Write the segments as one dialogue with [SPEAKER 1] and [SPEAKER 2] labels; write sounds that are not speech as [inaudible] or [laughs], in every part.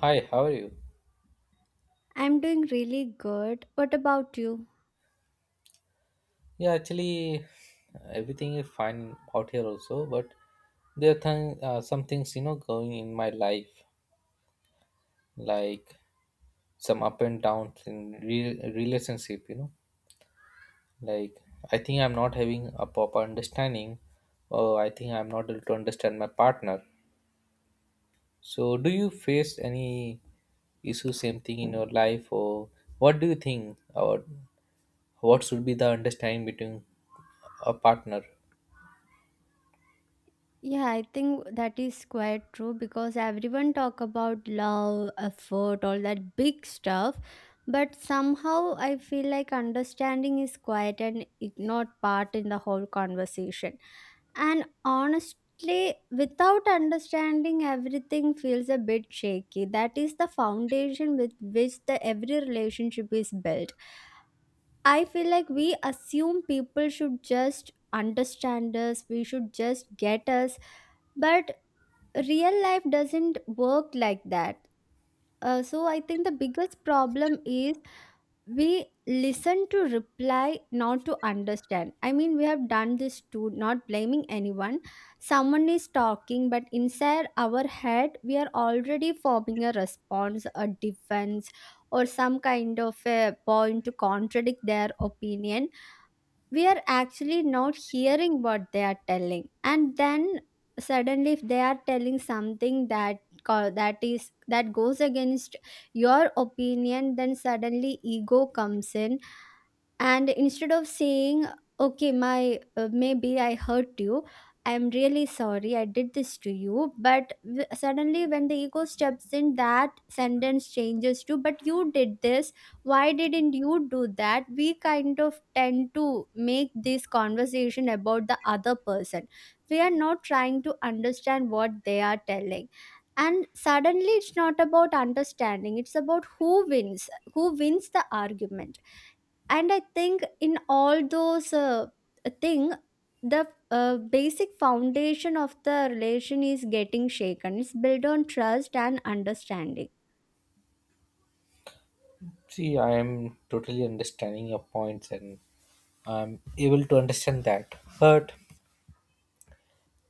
[SPEAKER 1] Hi, how are you?
[SPEAKER 2] I'm doing really good. What about you?
[SPEAKER 1] Yeah, actually, everything is fine out here also, but there are some things you know going in my life, like some up and downs in relationship. You know, like I think I'm not having a proper understanding, or I think I'm not able to understand my partner. So, do you face any issue, same thing in your life, or what do you think, or what should be the understanding between a partner?
[SPEAKER 2] Yeah, I think that is quite true because everyone talk about love, effort, all that big stuff, but somehow I feel like understanding is quite an ignored part in the whole conversation. And honestly, without understanding, everything feels a bit shaky. That is the foundation with which the every relationship is built. I feel like we assume people should just understand us, we should just get us, but real life doesn't work like that. So I think the biggest problem is we listen to reply, not to understand. I mean, we have done this too, not blaming anyone. Someone is talking, but inside our head, we are already forming a response, a defense, or some kind of a point to contradict their opinion. We are actually not hearing what they are telling, and then suddenly if they are telling something that co- that is that goes against your opinion, then suddenly ego comes in. And instead of saying okay, my maybe I hurt you, I'm really sorry I did this to you, but suddenly when the ego steps in, that sentence changes to but you did this, why didn't you do that. We kind of tend to make this conversation about the other person. We are not trying to understand what they are telling, and suddenly it's not about understanding, it's about who wins the argument. And I think in all those thing, the basic foundation of the relation is getting shaken. It's built on trust and understanding.
[SPEAKER 1] See, I am totally understanding your points and I'm able to understand that. But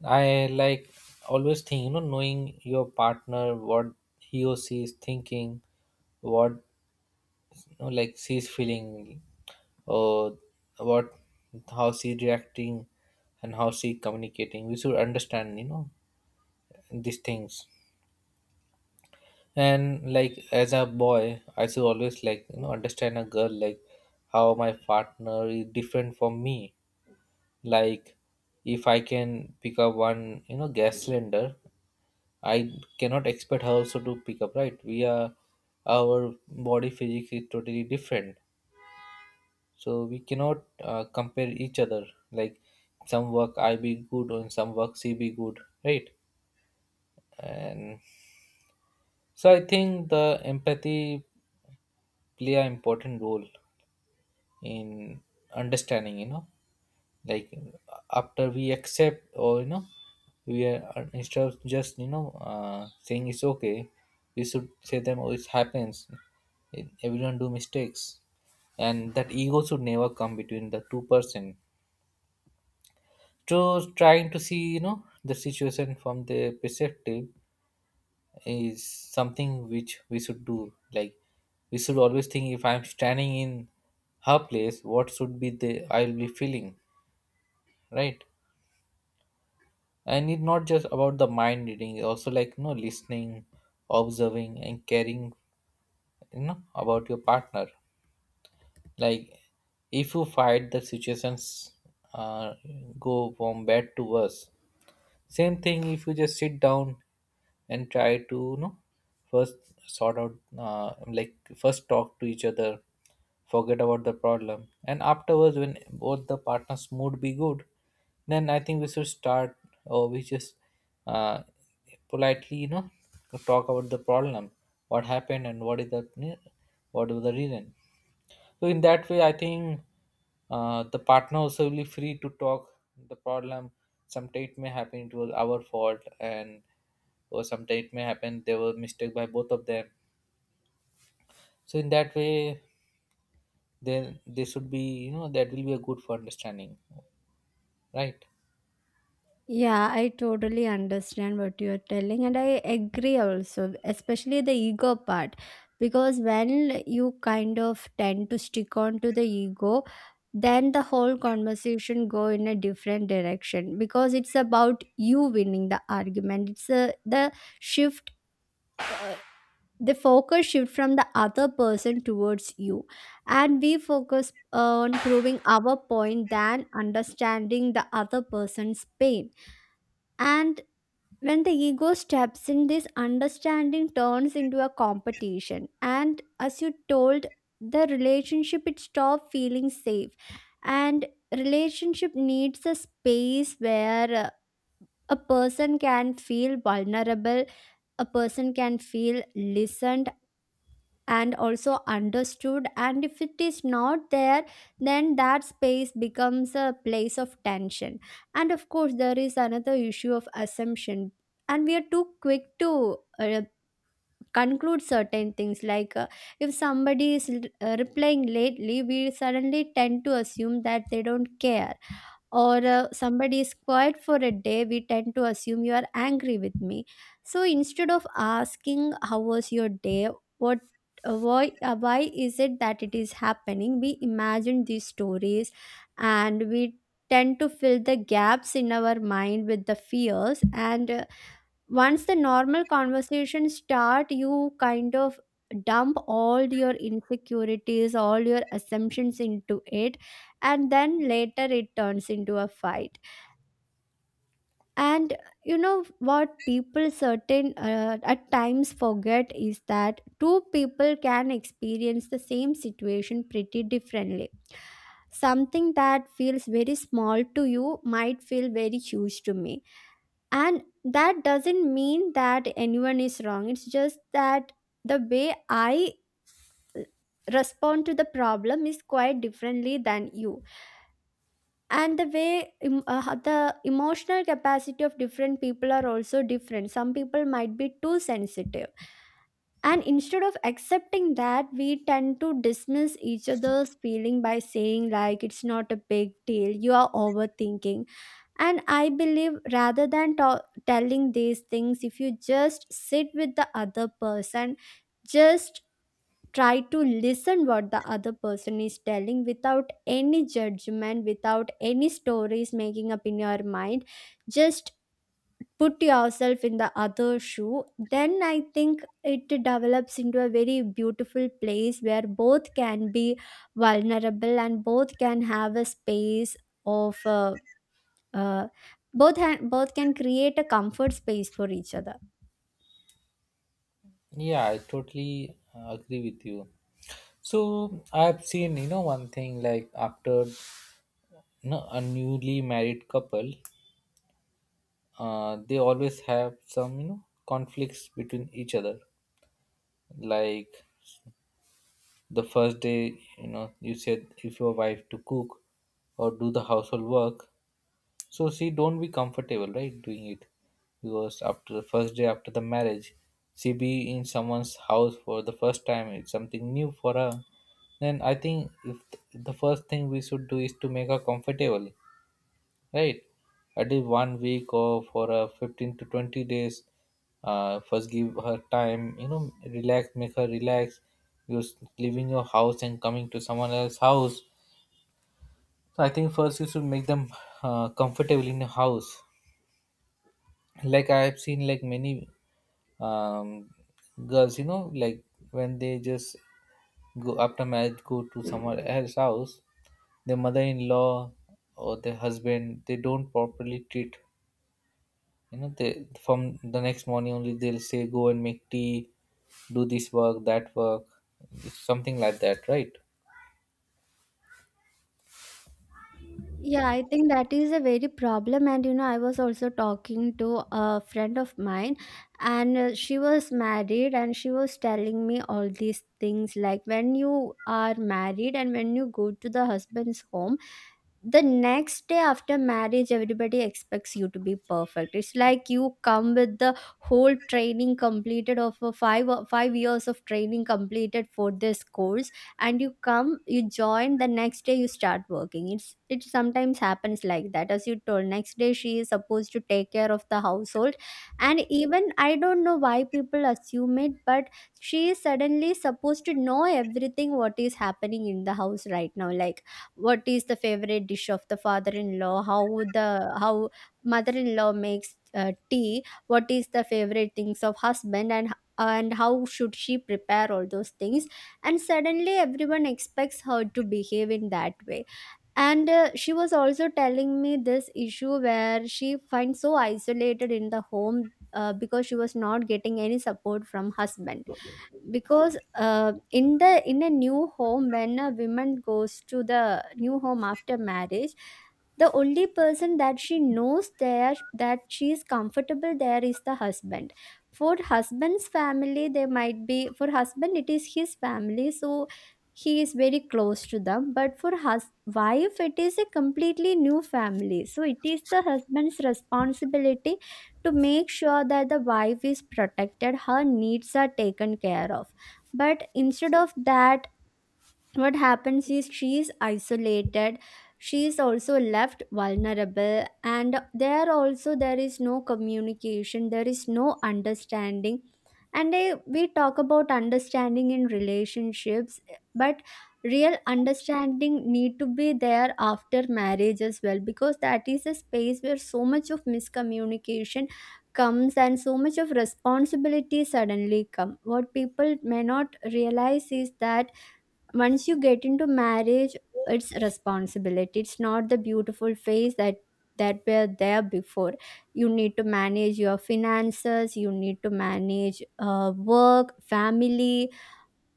[SPEAKER 1] I like always think, you know, knowing your partner, what he or she is thinking, what you know, like she's feeling, or what how she reacting and how she communicating. We should understand, you know, these things. And like as a boy, I should always like you know understand a girl, like how my partner is different from me. Like if I can pick up one you know gas cylinder, I cannot expect her also to pick up, right? We are, our body physics is totally different, so we cannot compare each other. Like some work I be good and some work she be good, right? And so I think the empathy play an important role in understanding, you know, like after we accept, or you know, we are, instead of just you know saying it's okay, we should say them, oh it happens. Everyone do mistakes and that ego should never come between the two person. So trying to see you know the situation from the perspective is something which we should do. Like we should always think, if I'm standing in her place what should be the I'll be feeling, right? And it's not just about the mind reading also, like you know, listening, observing and caring you know about your partner. Like if you fight the situations, uh, go from bad to worse. Same thing if you just sit down and try to you know first sort out, like first talk to each other, forget about the problem, and afterwards when both the partners' mood be good, then I think we should start, or we just uh, politely you know talk about the problem, what happened and what is the reason. So in that way, I think the partner also will be free to talk the problem. Sometimes it may happen it was our fault, and or sometimes it may happen there was mistake by both of them. So in that way, then they should be you know, that will be a good for understanding, right?
[SPEAKER 2] Yeah, I totally understand what you are telling, and I agree also, especially the ego part, because when you kind of tend to stick on to the ego, then the whole conversation go in a different direction because it's about you winning the argument. It's a, the shift uh, the focus shift from the other person towards you, and we focus on proving our point than understanding the other person's pain. And when the ego steps in, this understanding turns into a competition, and as you told, the relationship it stopped feeling safe. And relationship needs a space where a person can feel vulnerable, a person can feel listened, and also understood. And if it is not there, then that space becomes a place of tension. And of course there is another issue of assumption, and we are too quick to conclude certain things, like if somebody is replying lately, we suddenly tend to assume that they don't care, or somebody is quiet for a day, we tend to assume you are angry with me. So instead of asking how was your day, what why is it that it is happening? We imagine these stories, and we tend to fill the gaps in our mind with the fears. And once the normal conversation start, you kind of dump all your insecurities, all your assumptions into it, and then later it turns into a fight. And you know what people certain at times forget is that two people can experience the same situation pretty differently. Something that feels very small to you might feel very huge to me, and that doesn't mean that anyone is wrong. It's just that the way I respond to the problem is quite differently than you. And the way the emotional capacity of different people are also different. Some people might be too sensitive, and instead of accepting that, we tend to dismiss each other's feeling by saying like it's not a big deal, you are overthinking. And I believe rather than telling these things, if you just sit with the other person, just try to listen what the other person is telling, without any judgment, without any stories making up in your mind. Just put yourself in the other shoe. Then I think it develops into a very beautiful place where both can be vulnerable and both can have a space of uh, uh, both can create a comfort space for each other.
[SPEAKER 1] Yeah, I totally agree with you. So I've seen you know one thing, like after you know, a newly married couple, they always have some you know conflicts between each other. Like the first day, you know, you said if your wife to cook or do the household work, so she don't be comfortable, right, doing it? Because after the first day after the marriage, she be in someone's house for the first time, it's something new for her. Then I think if, the first thing we should do is to make her comfortable. Right. I did 1 week or for 15 to 20 days. First, give her time, you know, relax, make her relax. You're leaving your house and coming to someone else's house. So, I think first you should make them comfortable in your house. Like, I have seen like many um, girls, you know, like when they just go after marriage, go to someone else's house, their mother in law or their husband, they don't properly treat. You know, they, from the next morning only they'll say, go and make tea, do this work, that work, something like that, right?
[SPEAKER 2] Yeah, I think that is a very problem. And you know, I was also talking to a friend of mine, and she was married, and she was telling me all these things, like when you are married and when you go to the husband's home, the next day after marriage everybody expects you to be perfect. It's like you come with the whole training completed of a five 5 years of training completed for this course, and you come, you join the next day, you start working. It sometimes happens like that. As you told, next day she is supposed to take care of the household. And even I don't know why people assume it, but she is suddenly supposed to know everything what is happening in the house right now, like what is the favorite dish of the father-in-law, how mother-in-law makes tea, what is the favorite things of husband, and how should she prepare all those things. And suddenly everyone expects her to behave in that way. And she was also telling me this issue where she finds so isolated in the home, because she was not getting any support from husband. Because in the in a new home, when a woman goes to the new home after marriage, the only person that she knows there, that she is comfortable there, is the husband. For husband's family, they might be, for husband it is his family, so he is very close to them. But for hus wife it is a completely new family, so it is the husband's responsibility to make sure that the wife is protected, her needs are taken care of. But instead of that, what happens is she is isolated, she is also left vulnerable, and there also there is no communication, there is no understanding. And we talk about understanding in relationships, but real understanding need to be there after marriage as well, because that is a space where so much of miscommunication comes, and so much of responsibility suddenly come. What people may not realize is that once you get into marriage, it's responsibility, it's not the beautiful face that were there before. You need to manage your finances, you need to manage work, family,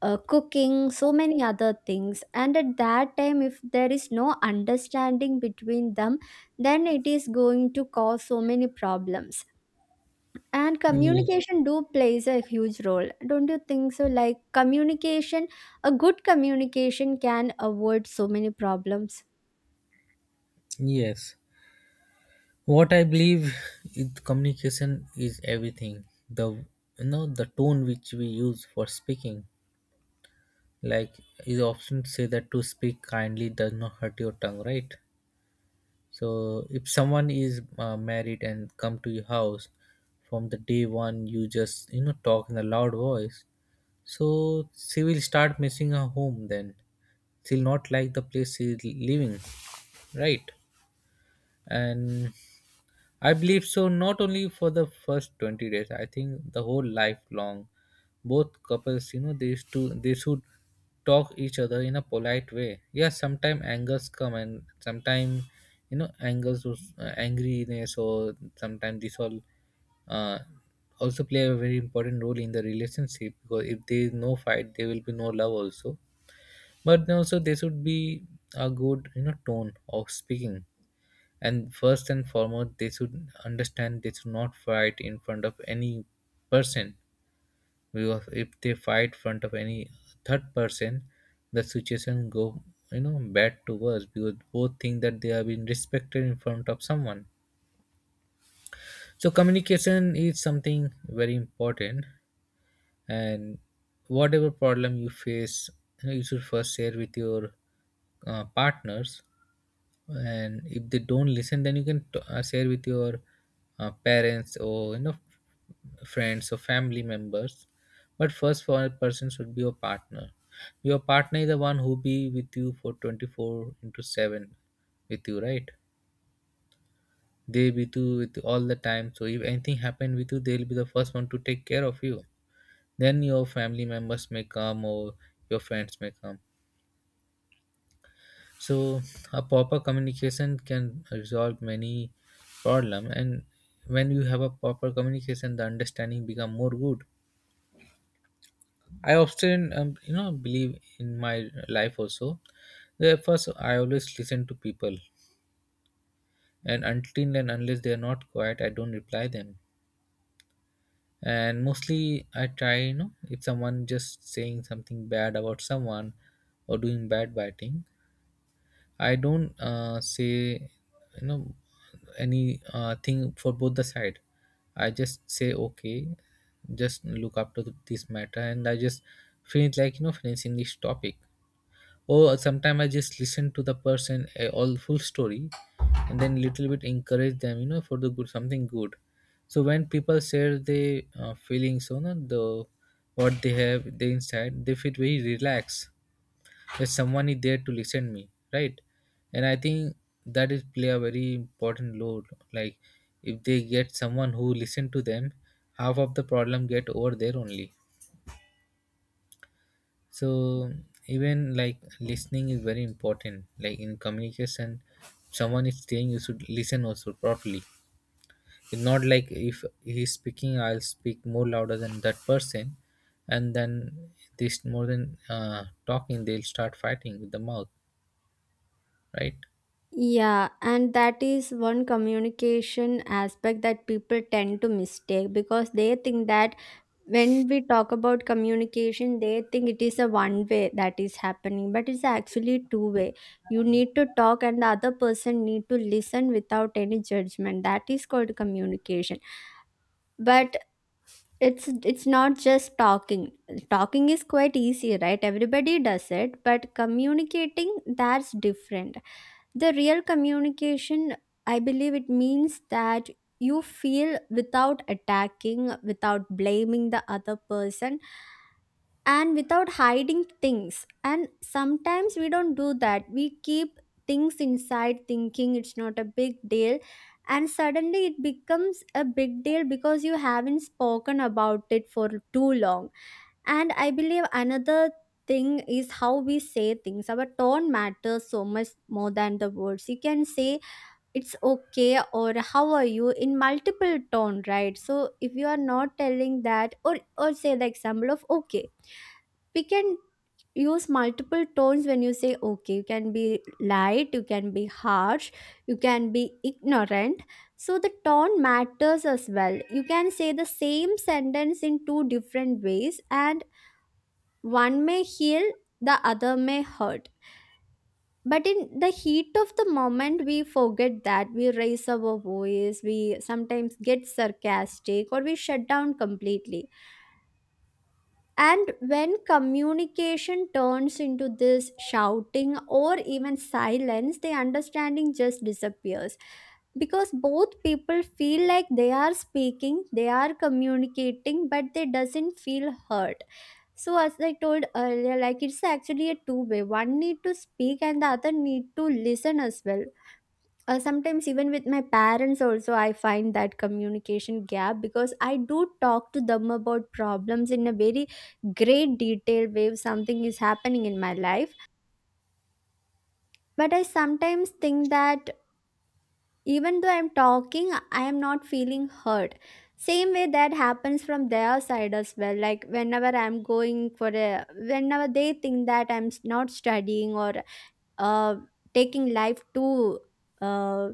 [SPEAKER 2] cooking, so many other things. And at that time if there is no understanding between them, then it is going to cause so many problems. And
[SPEAKER 1] Ye-
[SPEAKER 2] communication do plays a huge role, don't you think so? Like communication, a good communication can avoid so many problems.
[SPEAKER 1] Yes. What I believe is communication is everything. The you know the tone which we use for speaking. Like is often say that to speak kindly does not hurt your tongue, right? So if someone is married and come to your house, from the day one you just you know talk in a loud voice. So she will start missing her home then. She'll not like the place she's living, right? And I believe so, not only for the first 20 days, I think the whole lifelong. Both couples, you know, they, used to, they should talk each other in a polite way. Yeah, sometimes angers come, and sometimes, you know, angers, angriness, or sometimes this all uh, also play a very important role in the relationship, because if there is no fight, there will be no love also. But then also there should be a good, you know, tone of speaking, and first and foremost they should understand they should not fight in front of any person. Because if they fight front of any third person, the situation go you know bad to worse, because both think that they have been respected in front of someone. So communication is something very important, and whatever problem you face, you, know, you should first share with your partners, and if they don't listen, then you can share with your parents, or you know, friends or family members. But first for a person should be your partner. Your partner is the one who be with you for 24 into 7 with you, right? They with you all the time. So if anything happen with you they'll be the first one to take care of you. Then your family members may come, or your friends may come. So a proper communication can resolve many problem, and when you have a proper communication the understanding become more good. I often you know believe in my life also that first I always listen to people, and until and unless they are not quiet I don't reply them. And mostly I try, you know, if someone just saying something bad about someone, or doing bad biting, I don't say you know any thing for both the side. I just say okay, just look up to this matter, and I just finish like you know finishing this topic. Or sometimes I just listen to the person all full story, and then little bit encourage them you know for the good something good. So when people share their feelings, you know the what they have they inside, they feel very relaxed if someone is there to listen me, right? And I think that is play a very important role, like if they get someone who listen to them, half of the problem get over there only. So even like listening is very important, like in communication, someone is saying you should listen also properly. It's not like if he's speaking I'll speak more louder than that person, and then this, more than talking they'll start fighting with the mouth, right?
[SPEAKER 2] Yeah, and that is one communication aspect that people tend to mistake, because they think that when we talk about communication, they think it is a one way that is happening, but it's actually two way. You need to talk and the other person need to listen without any judgment. That is called communication. But it's not just talking. Talking is quite easy, right? Everybody does it. But communicating, that's different. The real communication, I believe it means that you feel without attacking, without blaming the other person, and without hiding things. And sometimes we don't do that, we keep things inside thinking it's not a big deal, and suddenly it becomes a big deal because you haven't spoken about it for too long. And I believe another thing is how we say things. Our tone matters so much more than the words. You can say it's okay or how are you in multiple tone, right? So if you are not telling that, or say the example of okay, we can use multiple tones. When you say okay, you can be light, you can be harsh, you can be ignorant. So the tone matters as well. You can say the same sentence in two different ways, and one may heal, the other may hurt. But in the heat of the moment we forget that. We raise our voice, we sometimes get sarcastic, or we shut down completely. And when communication turns into this shouting or even silence, the understanding just disappears because both people feel like they are speaking, they are communicating, but they doesn't feel heard. So as I told earlier, like it's actually a two way. One need to speak and the other need to listen as well. Sometimes even with my parents also I find that communication gap, because I do talk to them about problems in a very great detail way if something is happening in my life. But I sometimes think that even though I'm talking, I am not feeling heard. Same way that happens from their side as well. Like whenever I'm going for a whenever they think that not studying or uh, taking life too uh,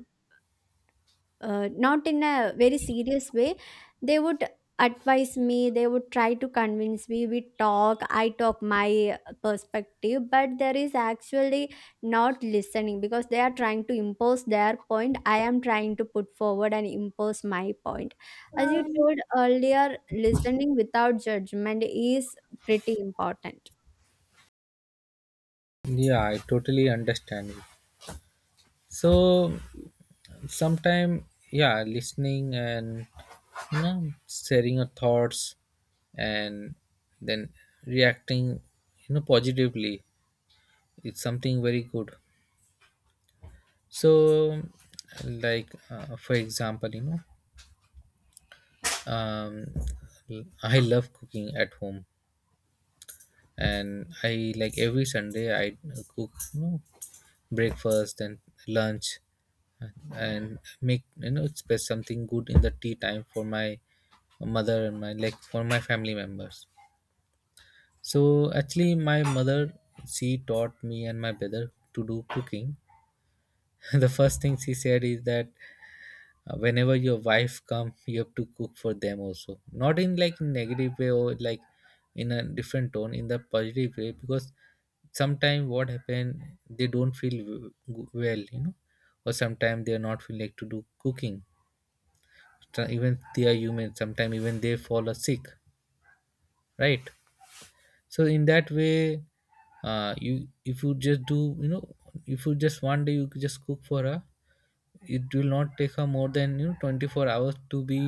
[SPEAKER 2] not in a very serious way, they would advise me, they would try to convince me, we talk, I talk my perspective, but there is actually not listening because they are trying to impose their point, I am trying to put forward and impose my point. As you told earlier, listening without judgment is pretty important.
[SPEAKER 1] Yeah, I totally understand it. So sometime, yeah, listening and you know sharing your thoughts, and then reacting you know positively, it's something very good. So like for example you know, um, I love cooking at home, and I like every sunday I cook you know breakfast and lunch, and make you know it's something good in the tea time for my mother and my, like for my family members. So actually my mother, she taught me and my brother to do cooking [laughs] the first thing she said is that, whenever your wife come you have to cook for them also, not in like negative way or like in a different tone, in the positive way. Because sometimes what happen, they don't feel well, you know, or sometimes they are not feel like to do cooking. So even they are human, sometimes even they fall a sick, right? So in that way, you, if you just do you know, if you just 1 day you just cook for her, it will not take her more than you know 24 hours to be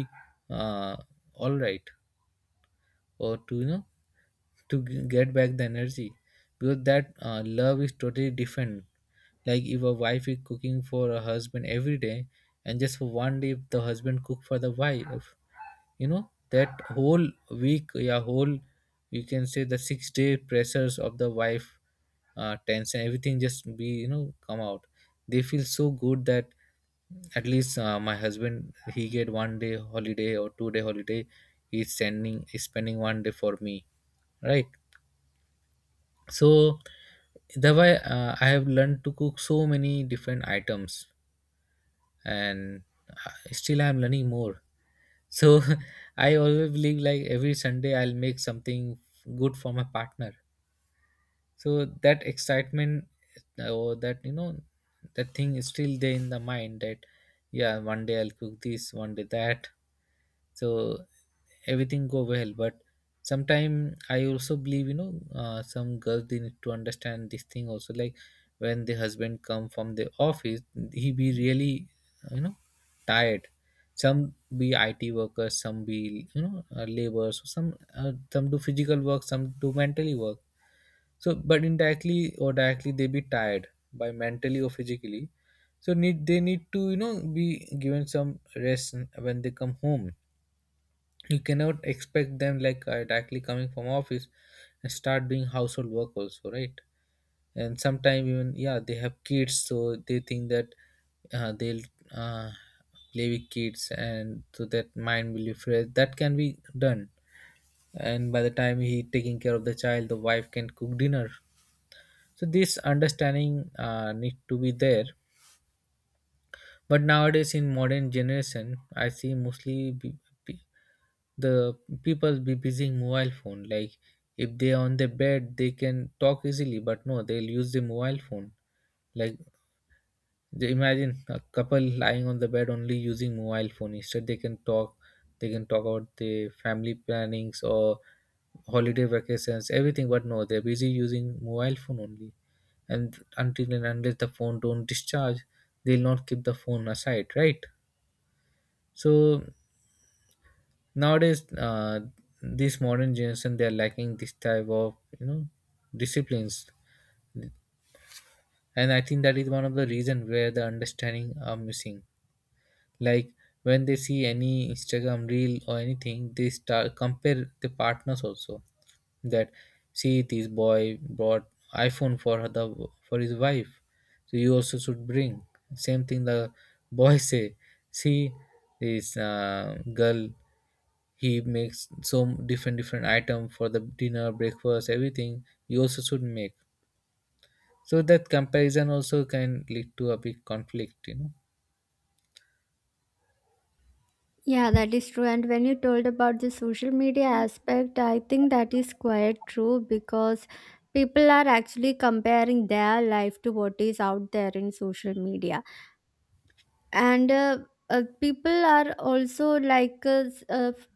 [SPEAKER 1] uh, all right, or to you know to get back the energy, because that love is totally different. Like if a wife is cooking for a husband every day, and just for 1 day if the husband cook for the wife, you know that whole week, yeah whole, you can say the 6 day pressures of the wife, tension everything just be you know come out. They feel so good that at least my husband he get 1 day holiday or 2 day holiday, he's sending he's spending 1 day for me, right? So that way I have learned to cook so many different items, and still I'm learning more. So [laughs] I always believe like every sunday I'll make something good for my partner. So that excitement, or that you know, that thing is still there in The mind that, yeah, one day I'll cook this, one day that. So everything go well, but sometime I also believe, you know, some girls they need to understand this thing also, like when the husband come from the office, he be really, you know, tired. Some be IT workers, some be, you know, laborers, some do physical work, some do mentally work. So but indirectly or directly they be tired, by mentally or physically. So need, they need to, you know, be given some rest when they come home. You cannot expect them like directly coming from office and start doing household work also, right? And sometimes, even yeah, they have kids, so they think that they'll uh, play with kids and so that mind will be fresh, that can be done. And by the time he taking care of the child, the wife can cook dinner. So this understanding need to be there. But nowadays in modern generation, I see mostly be- the people be busy in mobile phone. Like if they are on the bed they can talk easily, but no, they'll use the mobile phone. Like they imagine a couple lying on the bed only using mobile phone, instead they can talk. They can talk about the family plannings or holiday vacations, everything, but no, they're busy using mobile phone only. And until and unless the phone don't discharge, they'll not keep the phone aside, right? So nowadays, this modern generation, they are lacking this type of, you know, disciplines. And I think that is one of the reason where the understanding are missing. Like when they see any Instagram reel or anything, they start compare the partners also. That, see, this boy brought iPhone for her, the, for his wife, so you also should bring same thing. The boy [laughs] say, see, this girl, he makes so different different item for the dinner, breakfast, everything, you also should make. So that comparison also can lead to a big conflict, you know.
[SPEAKER 2] Yeah, that is true. And when you told about the social media aspect, I think that is quite true because people are actually comparing their life to what is out there in social media, and people are also like,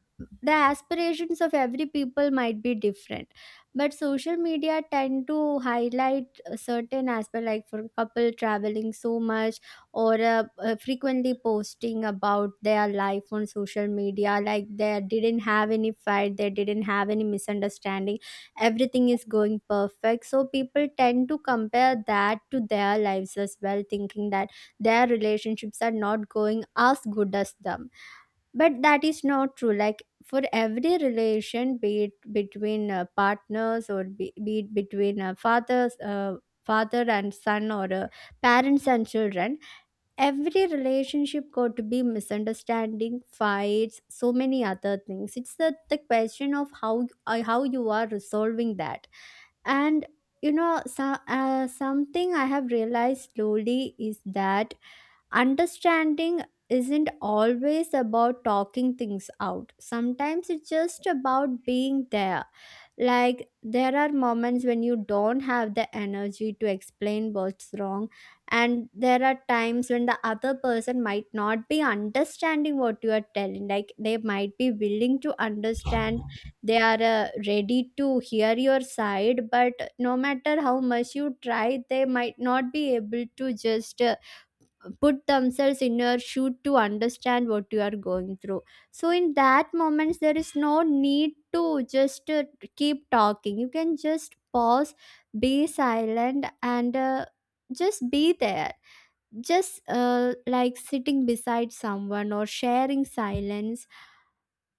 [SPEAKER 2] the aspirations of every people might be different, but social media tend to highlight a certain aspect, like for couple traveling so much or frequently posting about their life on social media like they didn't have any fight, they didn't have any misunderstanding, everything is going perfect. So people tend to compare that to their lives as well, thinking that their relationships are not going as good as them. But that is not true. Like for every relation, be it between partners, or be it between father and son, or parents and children, every relationship got to be misunderstanding, fights, so many other things. It's the question of how you are resolving that. And you know, so, something I have realized slowly is that understanding isn't always about talking things out. Sometimes it's just about being there. Like, there are moments when you don't have the energy to explain what's wrong, and there are times when the other person might not be understanding what you are telling. Like, they might be willing to understand, they are ready to hear your side, but no matter how much you try, they might not be able to just. Put themselves in your shoe to understand what you are going through. So in that moments, there is no need to just keep talking. You can just pause, be silent, and just be there, just like sitting beside someone or sharing silence,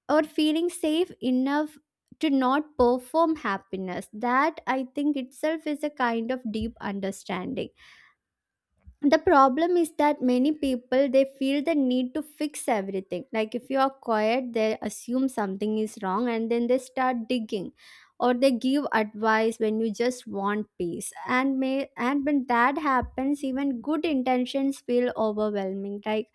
[SPEAKER 2] or feeling safe enough to not perform happiness. That, I think, itself is a kind of deep understanding. The problem is that many people, they feel the need to fix everything. Like if you are quiet, they assume something is wrong and then they start digging, or they give advice when you just want peace. And may— and when that happens, even good intentions feel overwhelming. Like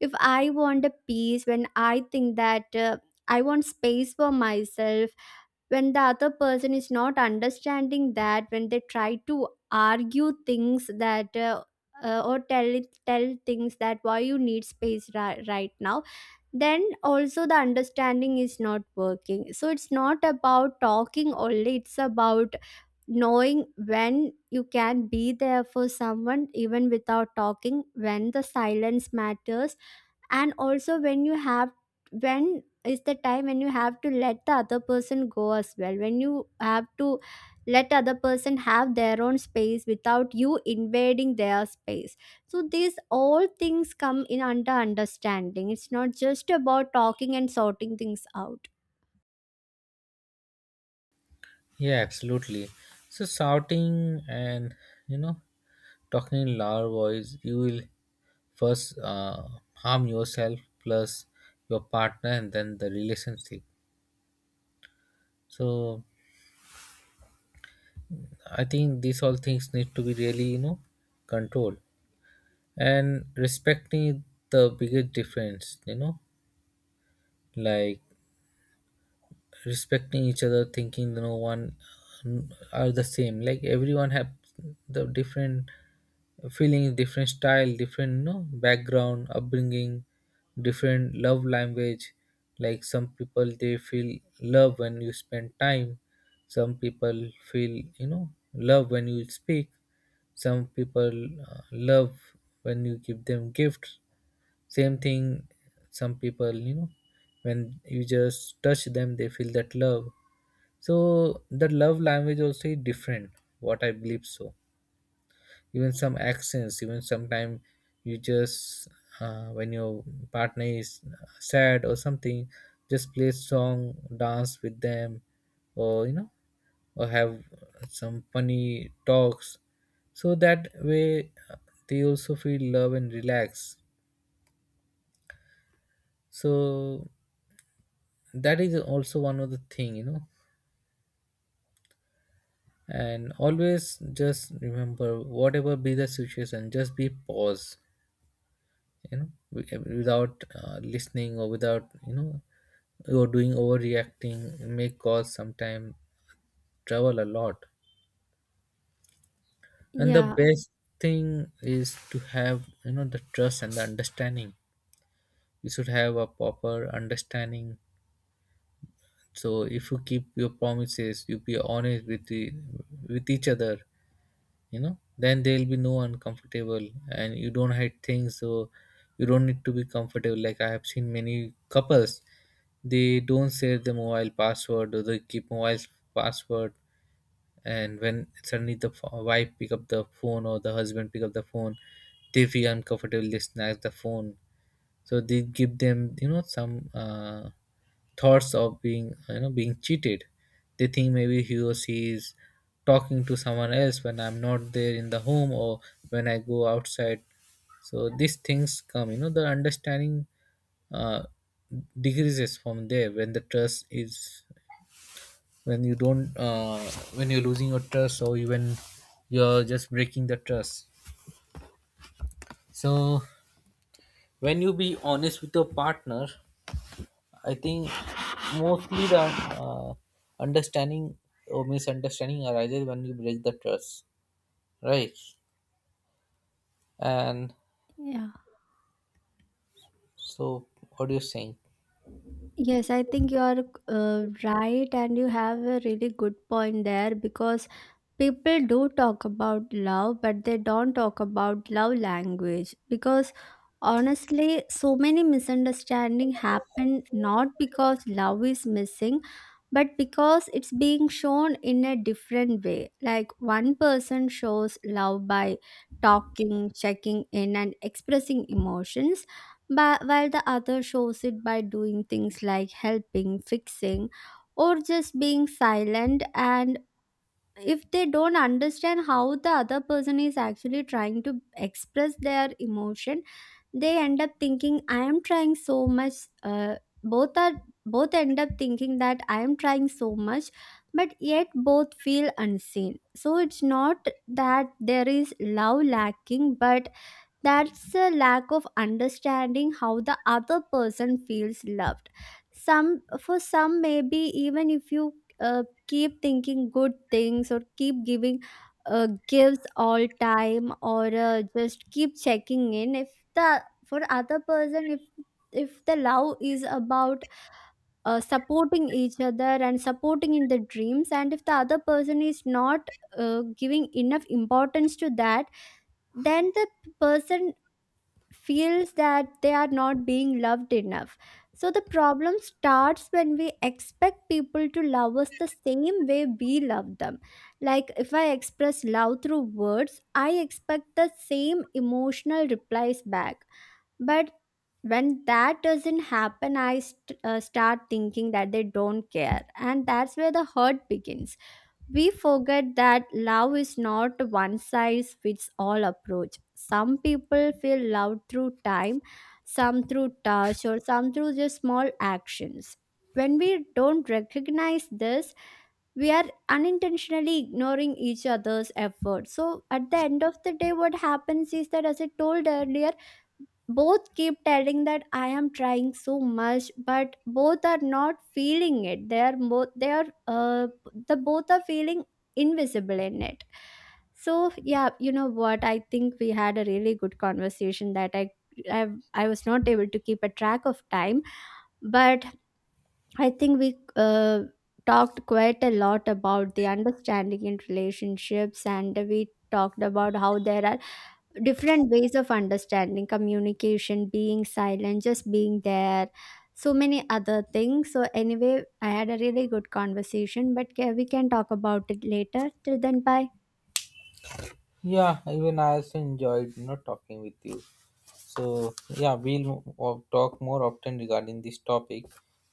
[SPEAKER 2] if I want a peace, when I think that I want space for myself, when the other person is not understanding that, when they try to argue things that or tell things that why you need space right now, then also the understanding is not working. So it's not about talking only, it's about knowing when you can be there for someone even without talking, when the silence matters, and also when you have— when is the time when you have to let the other person go as well, when you have to let other person have their own space without you invading their space. So these all things come in under understanding. It's not just about talking and sorting things out.
[SPEAKER 1] Yeah, absolutely. So shouting and, you know, talking in loud voice, you will first harm yourself, plus your partner, and then the relationship. So I think these all things need to be really, you know, controlled. And respecting, the biggest difference, you know, like respecting each other, thinking that no one uh, are the same, like everyone have the different feeling, different style, different, you know, background, upbringing, different love language. Like some people they feel love when you spend time, some people feel, you know, love when you speak, some people love when you give them gifts. Same thing, some people, you know, when you just touch them they feel that love. So the love language also is different, what I believe. So even some accents, even sometimes you just when your partner is sad or something, just play song, dance with them, or you know, or have some funny talks. So that way they also feel love and relax. So that is also one of the thing, you know. And always just remember, whatever be the situation, just be pause, you know, without listening or without, you know, you're doing overreacting, may cause sometime trouble a lot. And the
[SPEAKER 2] Yeah.
[SPEAKER 1] best thing is to have, you know, the trust and the understanding. You should have a proper understanding. So if you keep your promises, you be honest with the, with each other, you know, then there'll be no uncomfortable and you don't hide things. So you don't need to be comfortable. Like I have seen many couples, they don't save the mobile password, or they keep mobile password, and when suddenly the wife pick up the phone or the husband pick up the phone, they feel uncomfortable, they snatch the phone. So they give them, you know, some thoughts of being, you know, being cheated. They think maybe he or she is talking to someone else when I'm not there in the home, or when I go outside. So these things come, you know, the understanding uh, decreases from there, when the trust is, when you don't when you're losing your trust, or even you're just breaking the trust. So when you be honest with your partner, I think mostly the uh, understanding or misunderstanding arises when you break the trust, right? And
[SPEAKER 2] Yeah.
[SPEAKER 1] so, what do you think?
[SPEAKER 2] Yes, I think you are right, and you have a really good point there because people do talk about love but they don't talk about love language, because honestly so many misunderstanding happen not because love is missing, but because it's being shown in a different way. Like one person shows love by talking, checking in, and expressing emotions, but while the other shows it by doing things like helping, fixing, or just being silent. And if they don't understand how the other person is actually trying to express their emotion, they end up thinking I am trying so much. Uh, both are both end up thinking that I am trying so much, but yet both feel unseen. So it's not that there is love lacking, but that's a lack of understanding how the other person feels loved. Some— for some, maybe even if you keep thinking good things, or keep giving gifts all time, or just keep checking in, if the— for other person, if the love is about supporting each other and supporting in the dreams, and if the other person is not giving enough importance to that, then the person feels that they are not being loved enough. So the problem starts when we expect people to love us the same way we love them. Like if I express love through words, I expect the same emotional replies back. But when that doesn't happen, I start thinking that they don't care. And that's where the hurt begins. We forget that love is not one size fits all approach. Some people feel loved through time, some through touch, or some through just small actions. When we don't recognize this, we are unintentionally ignoring each other's effort. So at the end of the day, what happens is that, as I told earlier, both keep telling that I am trying so much, but both are not feeling it. They are both— the both are feeling invisible in it. So yeah, you know what, I think we had a really good conversation that i, I was not able to keep a track of time. But I think we talked quite a lot about the understanding in relationships, and we talked about how there are different ways of understanding, communication, being silent, just being there, so many other things. So anyway, I had a really good conversation, but we can talk about it later. Till then, bye.
[SPEAKER 1] Yeah, even I also enjoyed, you know, talking with you. So yeah, we'll talk more often regarding this topic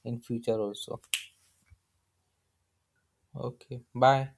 [SPEAKER 1] in future also. Okay, bye.